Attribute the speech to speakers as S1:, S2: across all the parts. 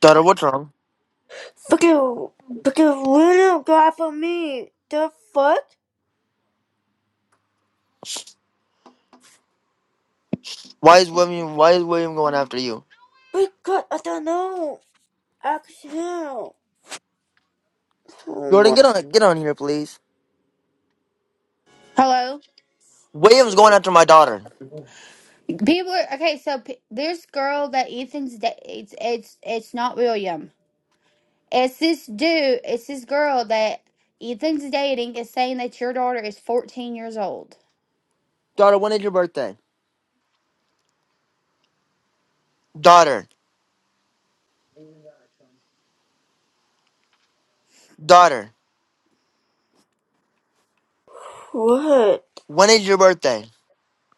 S1: Dada, what's wrong?
S2: Fucking, fucking random guy for me. The fuck?
S1: Why is William? Why is William going after you?
S2: Because I don't know. I can't. Oh
S1: Jordan,
S2: my
S1: get on, get on here, please.
S3: Hello.
S1: William's going after my daughter.
S3: People are okay. So p- this girl that Ethan's da- it's it's it's not William. It's this dude. It's this girl that Ethan's dating is saying that your daughter is 14 years old.
S1: Daughter, when is your birthday? Daughter, daughter,
S2: god.
S1: when is your birthday?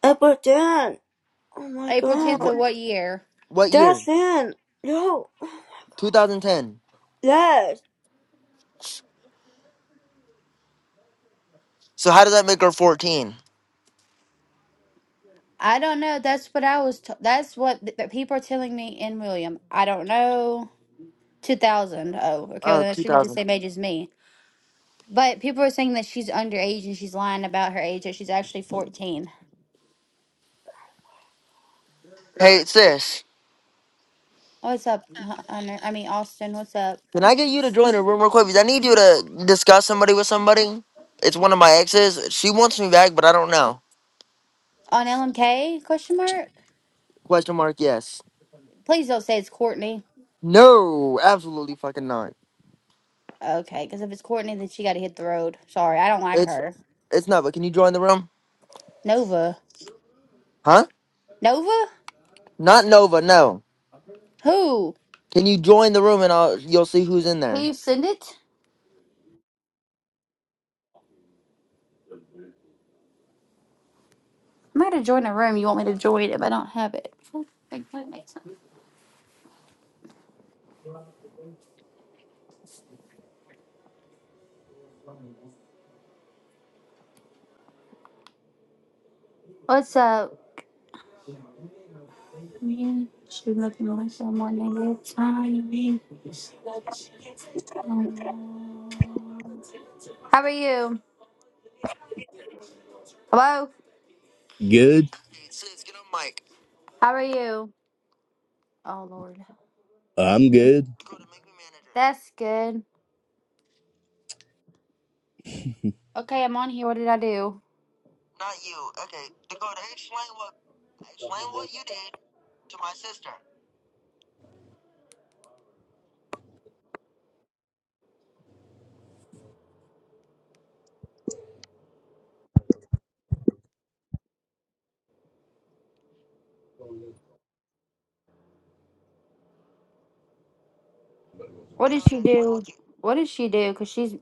S2: Ever then. Oh my
S3: April 10th
S2: god.
S1: What
S3: of what year?
S1: what year?
S2: That's it. Yo.
S1: 2010.
S2: That's.
S1: So how does that make her 14?
S3: I don't know. That's what I was. T- that's what th- that people are telling me in William. I don't know. 2000. Oh, okay. Well,
S1: Oh,
S3: then that should be the
S1: 2000.
S3: same age as me. But people are saying that she's underage and she's lying about her age. That she's actually 14.
S1: Hey, sis,
S3: What's up, Hunter? I mean Austin. What's up?
S1: can I get you to join the room real quick? Because I need you to discuss somebody with somebody. It's one of my exes. She wants me back, but I don't know.
S3: on LMK? Question mark.
S1: Question mark? Yes.
S3: Please don't say it's Courtney.
S1: No, absolutely fucking not.
S3: Okay, because if it's Courtney, then she got to hit the road. Sorry, I don't like
S1: It's
S3: her.
S1: it's not. But can you join the room?
S3: Nova.
S1: Huh?
S3: Nova?
S1: Not Nova, no.
S3: Who?
S1: Can you join the room and I'll, you'll see who's in
S3: Will
S1: there?
S3: you send it? I might have joined a room. You want me to join if I don't have it? Like, what makes sense? What's up? Man, she looking like someone in this time. How are you? Hello.
S4: Good.
S3: How are you? Oh Lord.
S4: I'm good.
S3: That's good. Okay, I'm on here. What did I do? Not you. Okay, Dakota, explain what explain what you did to my sister. What did she do? what did she do? Cause she's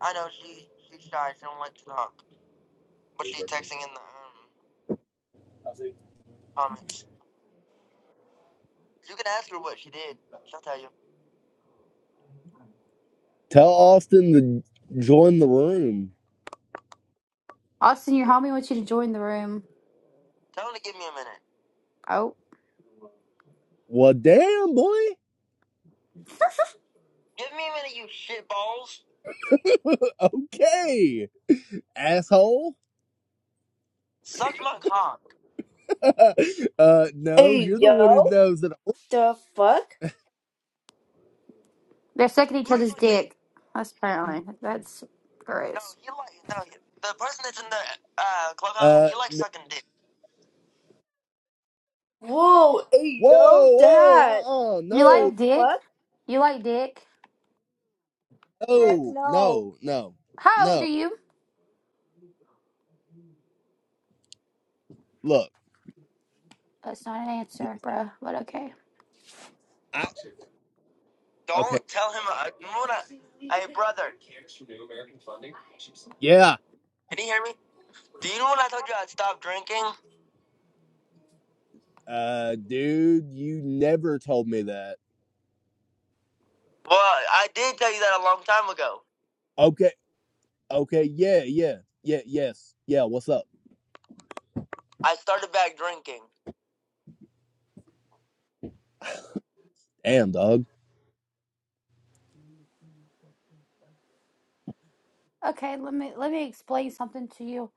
S3: I know she she's shy. She don't like to talk, but she's texting in the um, comments. You can ask her what she did. She'll tell you.
S4: Tell Austin to join the room.
S3: Austin, your homie wants you to join the room. Tell him to give me a minute. Oh,
S4: Well, damn, boy.
S3: Give me a minute, you shitballs.
S4: okay, asshole.
S3: Suck my cock.
S4: uh, no,
S2: Hey
S4: you're the one who
S2: yo.
S4: knows that.
S2: The fuck?
S3: They're sucking each other's dick. That's apparently that's gross. No, gross. he like no. he- The person that's in the uh, clubhouse room,
S4: Uh,
S3: he likes
S4: n-
S3: sucking dick.
S2: Whoa. Hey
S4: whoa,
S2: yo.
S4: whoa,
S2: That.
S4: uh, uh
S3: You
S4: no,
S2: The
S3: like dick?
S2: fuck?
S3: You like dick?
S2: Heck
S4: no,
S2: no.
S4: no, no,
S3: How old are
S4: no.
S3: you?
S4: Look,
S3: That's not an answer,
S4: listen,
S3: bruh. But okay.
S4: I okay,
S3: Don't tell him. Uh, you know what I, hey, brother,
S4: yeah,
S3: can you hear me? Do you know when I told you I'd stop drinking?
S4: uh, dude, you never told me that.
S3: Well, I did tell you that a long time ago.
S4: Okay, okay, yeah, yeah, yeah, yes, yeah. What's up?
S3: I started back drinking.
S4: Damn, dog.
S3: Okay, let me let me explain something to you.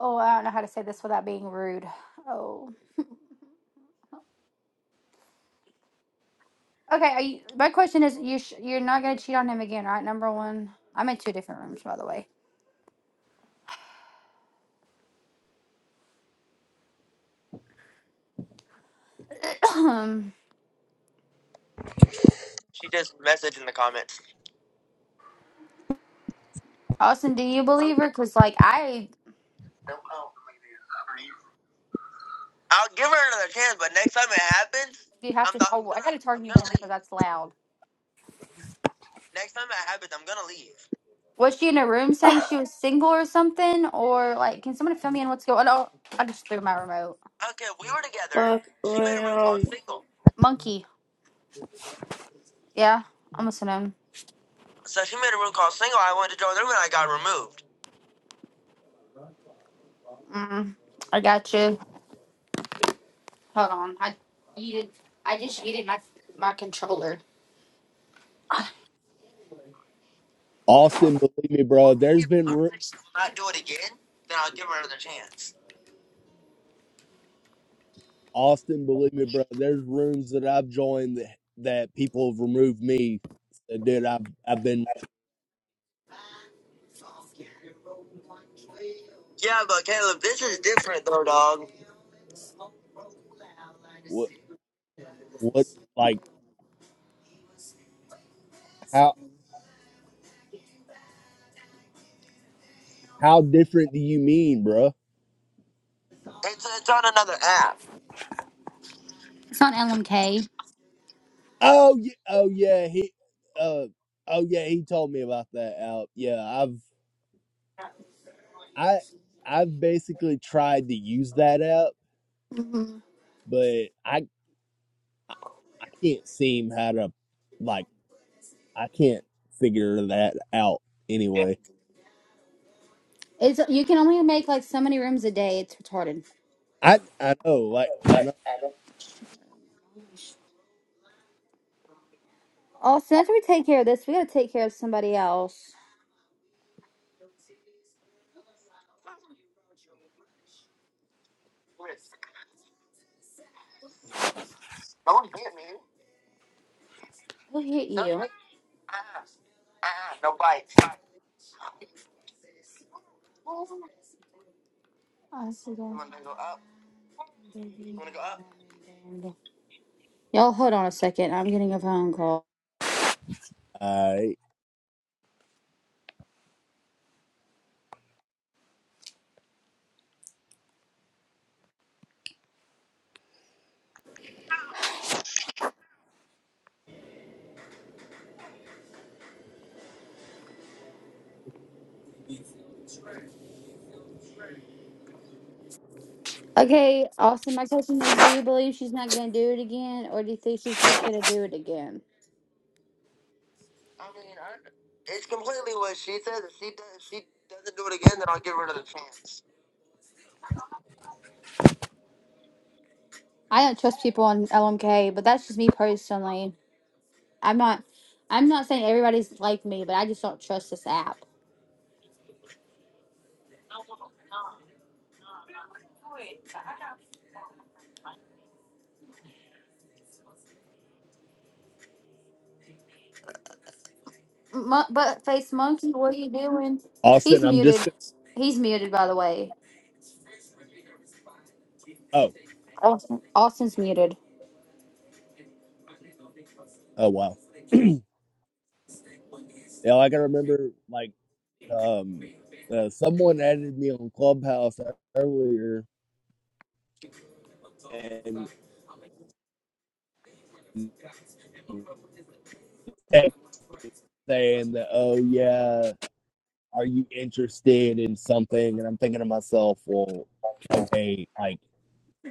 S3: Oh, I don't know how to say this without being rude. Oh. Okay, are you, my question is, you sh- you're not gonna cheat on him again, right? Number one, I'm in two different rooms, by the way. Um, She just messaged in the comments. Austin, do you believe her? Cause like I, I'll give her another chance, but next time it happens, you have I'm to. not, I'm Oh, I gonna gotta turn I'm you gonna down because leave. that's loud. Next time it happens, I'm gonna leave. Was she in a room saying she was single or something, or like, can someone fill me in what's going on? I just threw my remote. Okay, we were together.
S2: Ah, Fuck
S3: She made a room called
S2: random.
S3: single. Monkey, yeah, I'm listening. So she made a room called Single. I wanted to join the room and I got removed. Mm, I got you. Hold on. I yeeted, I just yeeted my my controller.
S4: Austin, believe me, bro. There's been ru-
S3: Not do it again, then I'll give her another chance.
S4: Austin, believe me, bro. There's rooms that I've joined that, that people have removed me. Said, Dude, I've I've been
S3: Yeah, but Caleb, this is different though, dog.
S4: what what like how how different do you mean, bro?
S3: It's, it's on another app. It's on LMK.
S4: Oh yeah, oh yeah, he uh oh yeah, he told me about that app. Yeah, I've I I've basically tried to use that app,
S3: hmm
S4: but I I can't seem how to like I can't figure that out
S3: Yeah.
S4: anyway.
S3: It's you can only make like so many rooms a day. It's retarded.
S4: I I know, like I know.
S3: Oh, since we take care of this, we gotta take care of somebody else. Chris, No one hit me. Who hit No, you? Ah, ah, no bites. I see You that. want to go up? You want to go up? Y'all, hold on a second. I'm getting a phone call.
S4: I
S3: Okay, Austin, my question is do you believe she's not going to do it again, or do you think she's just going to do it again? I mean, I, it's completely what she says. If she does, if she doesn't do it again, then I'll give her another chance. I don't trust people on LMK, but that's just me personally. I'm not. I'm not saying everybody's like me, but I just don't trust this app. Mo- butt face monkey, what are you doing? He's
S4: Austin, I'm just
S3: muted.
S4: gonna,
S3: He's muted, by the way.
S4: oh
S3: Austin. Austin's muted.
S4: oh wow. yeah, like I remember, like um, uh, someone added me on Clubhouse earlier and text saying that, oh yeah, are you interested in something? And I'm thinking to myself, well, okay, like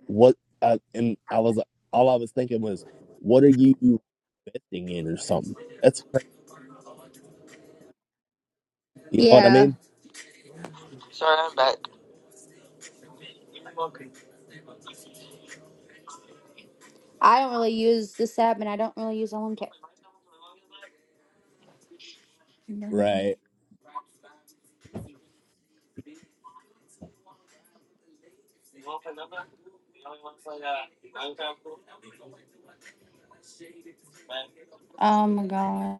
S4: what? Uh, and I was all I was thinking was, what are you investing in or something? That's crazy. You know what I
S3: Yeah,
S4: mean?
S3: Sorry, I'm back. I don't really use this app, and I don't really use LMK.
S4: Right.
S3: Oh my god,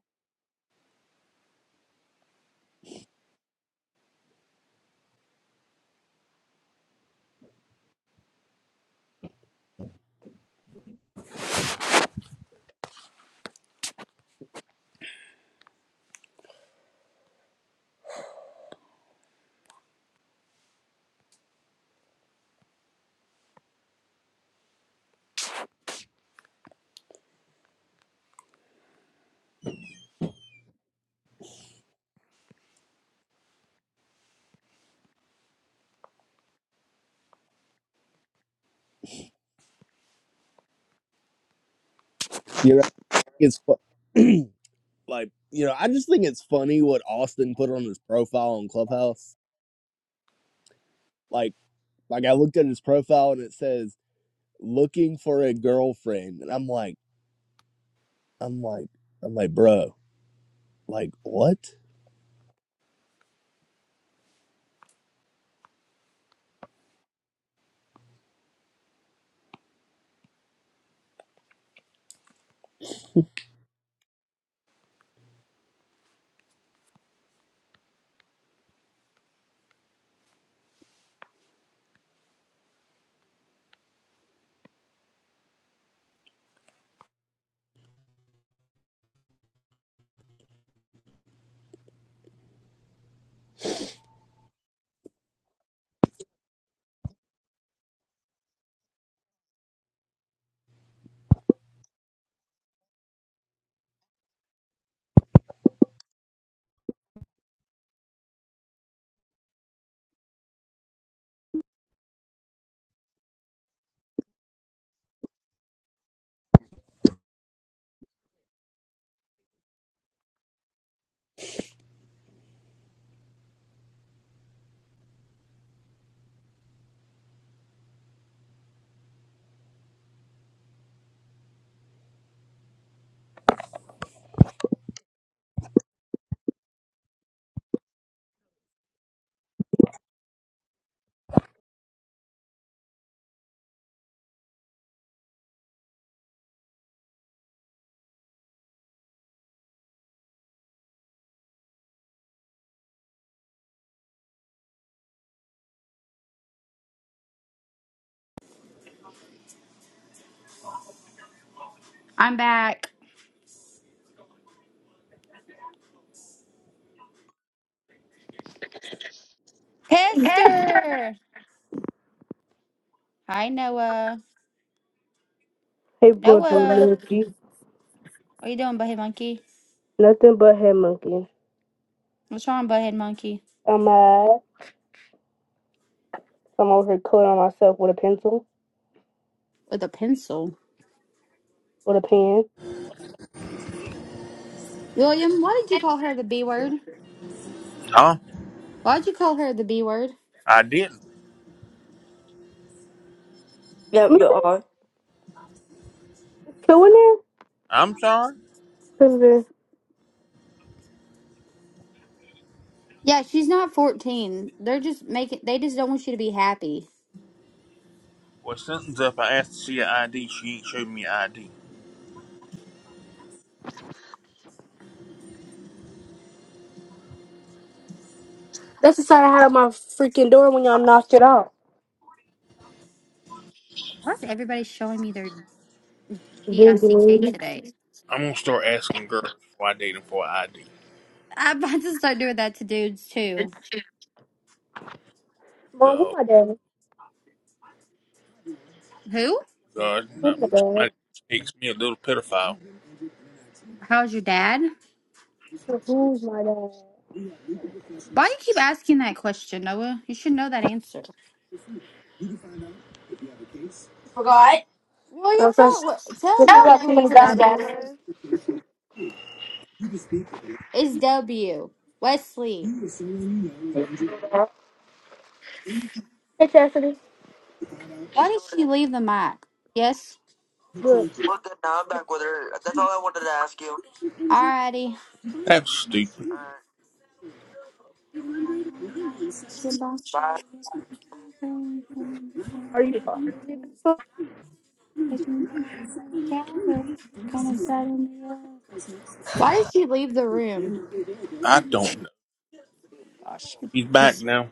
S4: it's fu- like you know i just think it's funny what austin put on his profile on clubhouse like like i looked at his profile and it says looking for a girlfriend and i'm like i'm like i'm like bro like what
S3: I'm back. Hester. Hi, Noah.
S5: Hey, bush
S3: Noah,
S5: monkey.
S3: what are you doing, butthead monkey?
S5: Nothing but head monkey.
S3: What's wrong, butthead monkey?
S5: I'm mad. I'm over here coloring myself with a pencil,
S3: With a pencil.
S5: with a pen.
S3: William, why did you call her the B word?
S6: No,
S3: Why'd you call her the B word?
S6: I didn't.
S2: Yep,
S5: Am
S2: you
S5: I
S2: are.
S5: two in
S6: I'm sorry.
S5: there? Cause the,
S3: Yeah, she's not 14. They're just making, they just don't want you to be happy.
S6: Well, sentence up, I asked to see an ID. She ain't showed me an ID.
S5: that's the side I had on my freaking door when y'all knocked it out.
S3: Why is everybody showing me their
S5: Big
S3: DICK
S5: lady.
S3: today?
S6: I'm gonna start asking girls before I date them for an ID.
S3: I'm about to start doing that to dudes too.
S5: Mom, who
S6: Yo,
S5: my dad?
S3: Who?
S6: God,
S5: Who my
S6: um, somebody
S5: dad?
S6: takes me a little pedophile.
S3: How's your dad?
S5: Who's my dad?
S3: Why you keep asking that question, Noah? You should know that answer. Well,
S5: I'm
S3: you
S5: supposed
S3: tell
S5: to
S3: tell Noah
S5: got too
S3: who
S5: many
S3: his
S5: guys
S3: dad
S5: daddy.
S3: is. Is W Wesley?
S5: Hey, Chastity.
S3: Why did she leave the mic? Yes.
S5: Look,
S3: Well, good. Now I'm back with her. That's all I wanted to ask you. Alrighty.
S6: That's stupid.
S3: Alright. Goodbye. Bye.
S5: are you talking?
S3: Why did she leave the room?
S6: I don't know.
S3: Gosh,
S6: He's back now.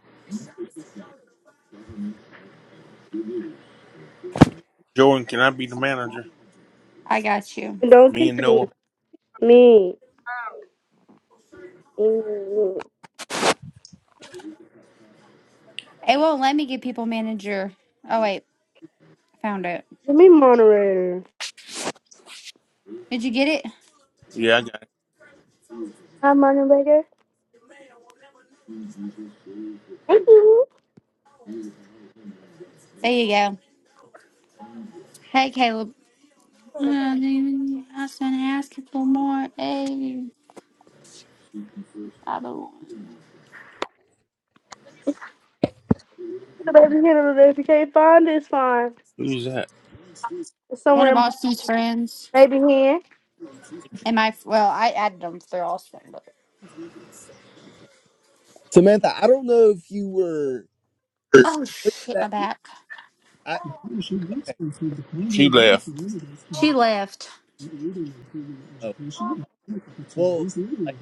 S6: Jordan, can I be the manager?
S3: I got you.
S5: Don't
S6: Me
S5: kick
S6: and
S5: me.
S6: Noah.
S5: Me. Mm.
S3: It won't let me get people manager. Oh wait, found it.
S5: Give me moderator.
S3: Did you get it?
S6: Yeah, I got it.
S5: Hi, moderator. Thank you.
S3: There you go. Hey Caleb. Uh, I was gonna ask you for more. Hey, I don't.
S5: the baby hand. If you can't find it, it's fine.
S6: Who's that?
S5: It's
S3: One
S5: somewhere
S3: of
S5: in
S3: Austin's friends
S5: baby hand.
S3: and my well, I added them. They're Austin, but
S4: samantha i don't know if you were
S3: oh
S4: what
S3: shit, my
S4: that
S3: back.
S4: i okay,
S6: She left.
S3: She left.
S4: oh, well like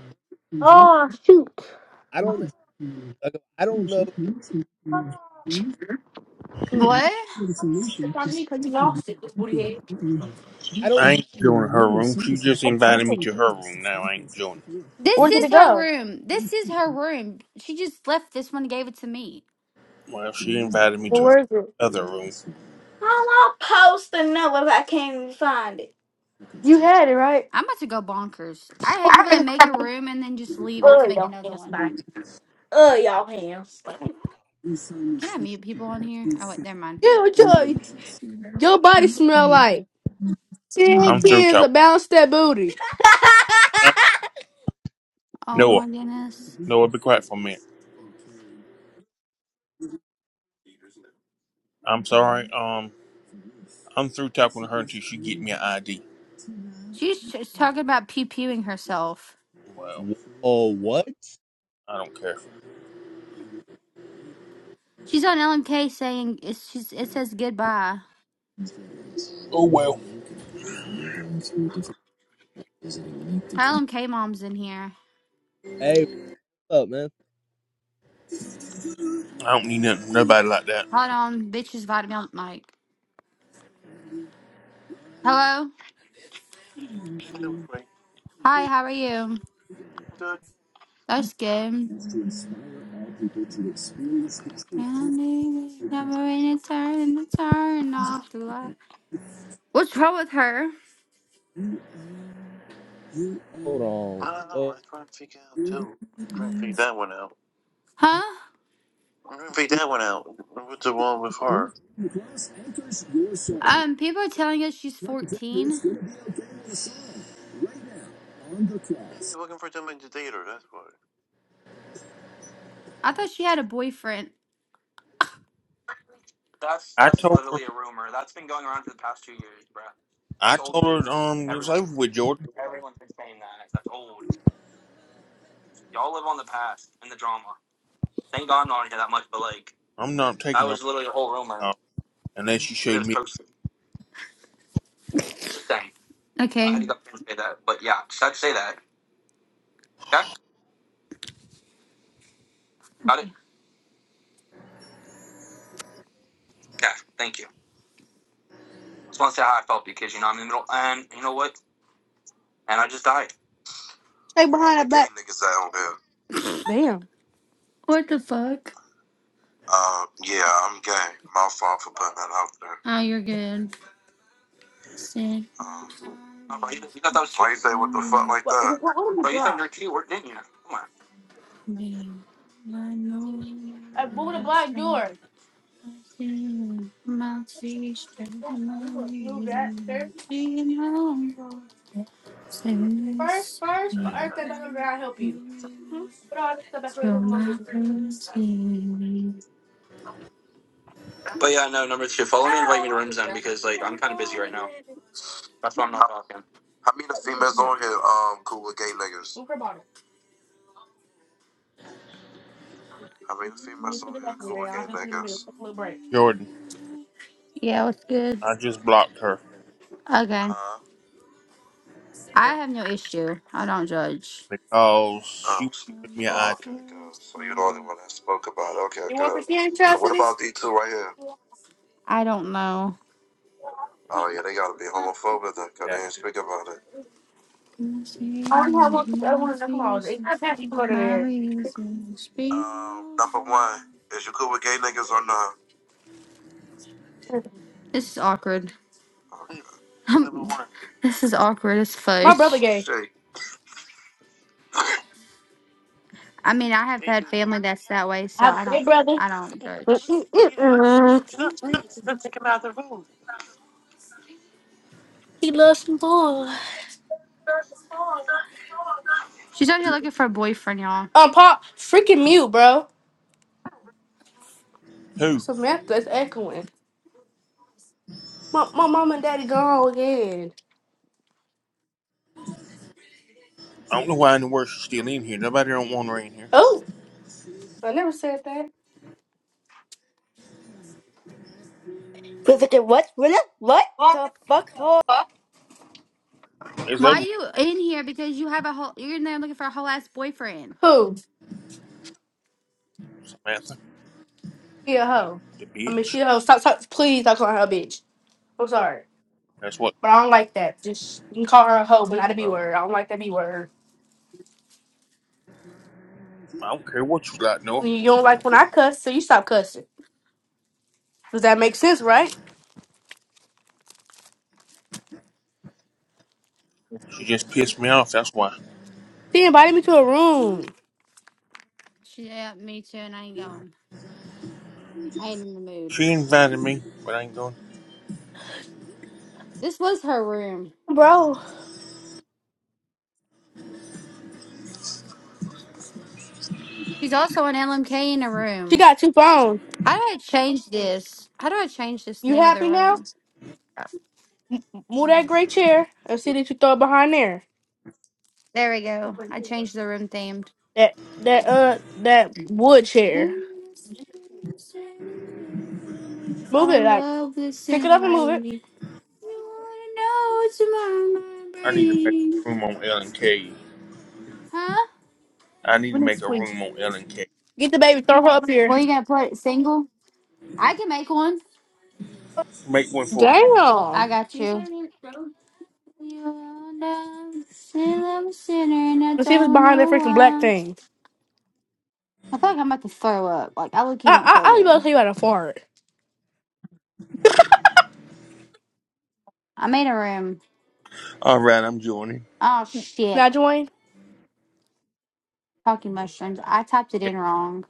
S5: Oh shoot!
S4: i don't okay, i don't know
S5: Mm.
S6: I
S3: What?
S4: i don't
S6: ain't doing her room. She just invited me to her room. Now I ain't joining.
S3: This
S5: Where did
S3: is
S5: it
S3: her
S5: go?
S3: room. This is her room. She just left this one and gave it to me.
S6: Well, she invited me to
S5: Well,
S6: her
S5: where is it?
S6: other room.
S5: You had it right.
S3: I'm about to go bonkers. I hate people that make a room and then just leave it to make another one. Can I mute people on here? Oh, wait, never mind.
S5: Yeah, what your your body smell like? Ten
S6: I'm through
S5: kids
S6: talking.
S5: of bounce that booty.
S6: Um,
S3: Oh
S6: Noah,
S3: my goodness.
S6: Noah, be quiet for a minute. I'm sorry. Um, I'm through talking to her until she get me an ID.
S3: She's just talking about pew pewing herself.
S6: Well,
S4: oh what
S6: I don't care.
S3: She's on LMK saying it's, she's, it says goodbye.
S6: Oh well. I
S3: Hi, LMK mom's in here.
S4: hey what's up man
S6: don't need nothing. Nobody like that.
S3: Hold on, bitch is invited me on the mic. Hello? Hi, how are you? That's good.
S6: is to inspire all people to experience the truth through
S3: Counting never any turn to turn off the light. What's wrong with her?
S6: you
S4: hold
S3: I don't know.
S4: on
S3: I was trying to figure out too. Trying to figure that one out. Huh? I'm trying to figure that one out. What's wrong with her?
S6: the cross anchors your soul.
S3: Um, people are telling us she's
S6: Let me tell you,
S3: 14.
S6: it's going to be okay with a song right now on the
S3: Yeah,
S6: cross.
S3: she's looking for somebody to date her. That's why. I thought she had a boyfriend. That's
S6: I
S3: that's
S6: told her,
S3: literally a rumor. That's been going around for the past two years, bruh.
S6: I
S3: That's old
S6: told her,
S3: news.
S6: um, it was
S3: Everyone's
S6: over with
S3: been,
S6: Jordan.
S3: everyone's been saying that. That's old. Y'all live on the past and the drama. Thank God I'm not here that much, but like.
S6: I'm not
S3: I
S6: taking her
S3: was literally a whole rumor,
S6: out unless she
S3: but it
S6: showed
S3: was
S6: me
S3: posted. Dang. I Okay. had to go say that. But yeah, just had to say that. Okay? Got it? Okay. Okay. Thank you. I Just want to say how I felt because, you know, I'm in the middle, and you know what? And I just died.
S5: Stay
S3: Well, all
S5: behind
S3: the
S5: that
S3: gay
S5: black.
S3: niggas out here.
S5: Damn.
S3: What the fuck? Uh, yeah, I'm gay. My fault for putting that out there. Oh, you're good. Um, Oh, bro, you, you thought that was cute? Why you say what the fuck like
S5: What?
S3: that?
S5: What, what did you
S3: Bro, you thought you
S5: drop?
S3: were cute, or didn't you? Come
S5: I moved the black door. Black door. Move that first,
S3: on.
S5: first. First, but earth
S3: No.
S5: that back on the ground. Help you. Hmm?
S3: But yeah, no, number two. Follow me, and invite me to rooms then, because like I'm kind of busy right now. That's why I'm not talking. How many of the females on here um cool with gay niggas? How many of the females on here cool with gay niggas?
S6: Jordan.
S3: Yeah, what's good?
S6: I just blocked her
S3: Okay. Huh? I have no issue. I don't judge.
S6: because she
S3: Um. s-
S6: gave me an
S3: Oh,
S6: idea
S3: okay, good. So you're the only one that spoke about it. Okay,
S5: You want for
S3: good.
S5: ten
S3: So what about
S5: atrocities?
S3: these two right here? I don't know. Oh yeah, they gotta be homophobic then, 'cause they
S6: that
S3: ain't speak about it. My reason, my reason, speak. Um, number one, is you cool with gay niggas or not? This is awkward. Oh, number Um, one. this is awkward as
S5: My
S3: fudge.
S5: brother
S3: Oh
S5: gay.
S3: shit. I mean, I have had family that's that way, so I don't, I don't judge.
S5: Mm-mm-mm-mm. He loves some boys.
S3: She's out here looking for a boyfriend, y'all.
S5: Um, pop, freaking mute, bro.
S6: who
S5: Samantha's echoing. My, my mom and daddy gone again.
S6: I don't know why in the world she's still in here. Nobody don't want her in here.
S5: Oh, I never said that.
S2: Wait, fucking what? Really? What? The fuck? Ho?
S6: It's
S3: Why
S6: over,
S3: you in here? Because you have a whole, you're in there looking for a whole ass boyfriend.
S5: Who?
S6: with, Samantha,
S5: She a hoe.
S6: the
S5: I mean,
S6: bitch.
S5: she a hoe. Stop, stop. Please stop calling her a bitch. I'm sorry.
S6: That's what.
S5: But I don't like that. Just you can call her a hoe, but not a B
S6: Well,
S5: word. I don't like that B word.
S6: I don't care what you like, Noah.
S5: You don't like when I cuss, so you stop cussing. Does that make sense, right?
S6: She just pissed me off. That's why.
S5: She invited me to a room.
S3: Yeah, me too, and I ain't going. I ain't in the mood.
S6: She invited me, but I ain't going.
S3: This was her room.
S5: Bro,
S3: She's also an LMK in a
S5: she
S3: room.
S5: got two phones.
S3: How do I change this? How do I change this
S5: You
S3: name of the
S5: happy now?
S3: room?
S5: Move that gray chair and see that you throw it behind there.
S3: There we go. I changed the room themed.
S5: That that uh that wood chair. Move
S3: Fall
S5: it.
S3: in
S5: Like
S3: love with
S5: pick it
S3: sin
S5: up and
S3: like
S5: move it.
S3: me. You wanna know what's in my
S6: I need to make
S3: brain?
S6: a room on L and K.
S3: Huh?
S6: I need to make a room on L and K.
S5: Get the baby. Throw her up here.
S3: Well, you gonna put it single? I can make one.
S6: Make one for me.
S3: I
S5: Damn.
S3: got you. You all know sin, I'm a sinner and I
S5: Let's see if it's
S3: don't
S5: behind that
S3: know
S5: freaking black
S3: why.
S5: thing.
S3: I feel like I'm about to throw up. Like I look, you
S5: I I
S3: don't feel
S5: I was about
S3: good.
S5: to tell you how to fart.
S3: I made a room.
S6: All right, I'm joining.
S3: Oh
S5: Can
S3: shit.
S5: I join?
S3: Talking mushrooms. I typed it in wrong.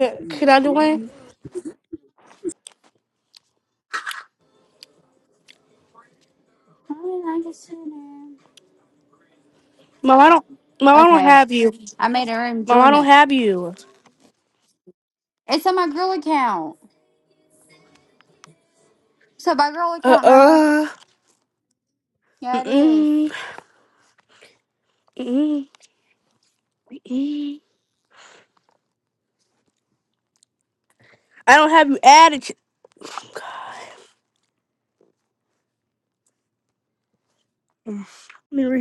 S5: Can can I join?
S6: Yeah.
S3: Why did I just do
S5: Mom, I don't. Mom,
S3: that?
S5: I don't
S3: Okay.
S5: have you.
S3: I made her and
S5: Mom, I
S3: join
S5: don't
S3: it.
S5: have you.
S3: It's on my girl account. So my girl
S5: Uh
S3: account, Noah.
S5: uh.
S3: Yeah, it is.
S5: Mm-mm, mm-mm, I don't have you added. to- Oh, God. Mm. Let me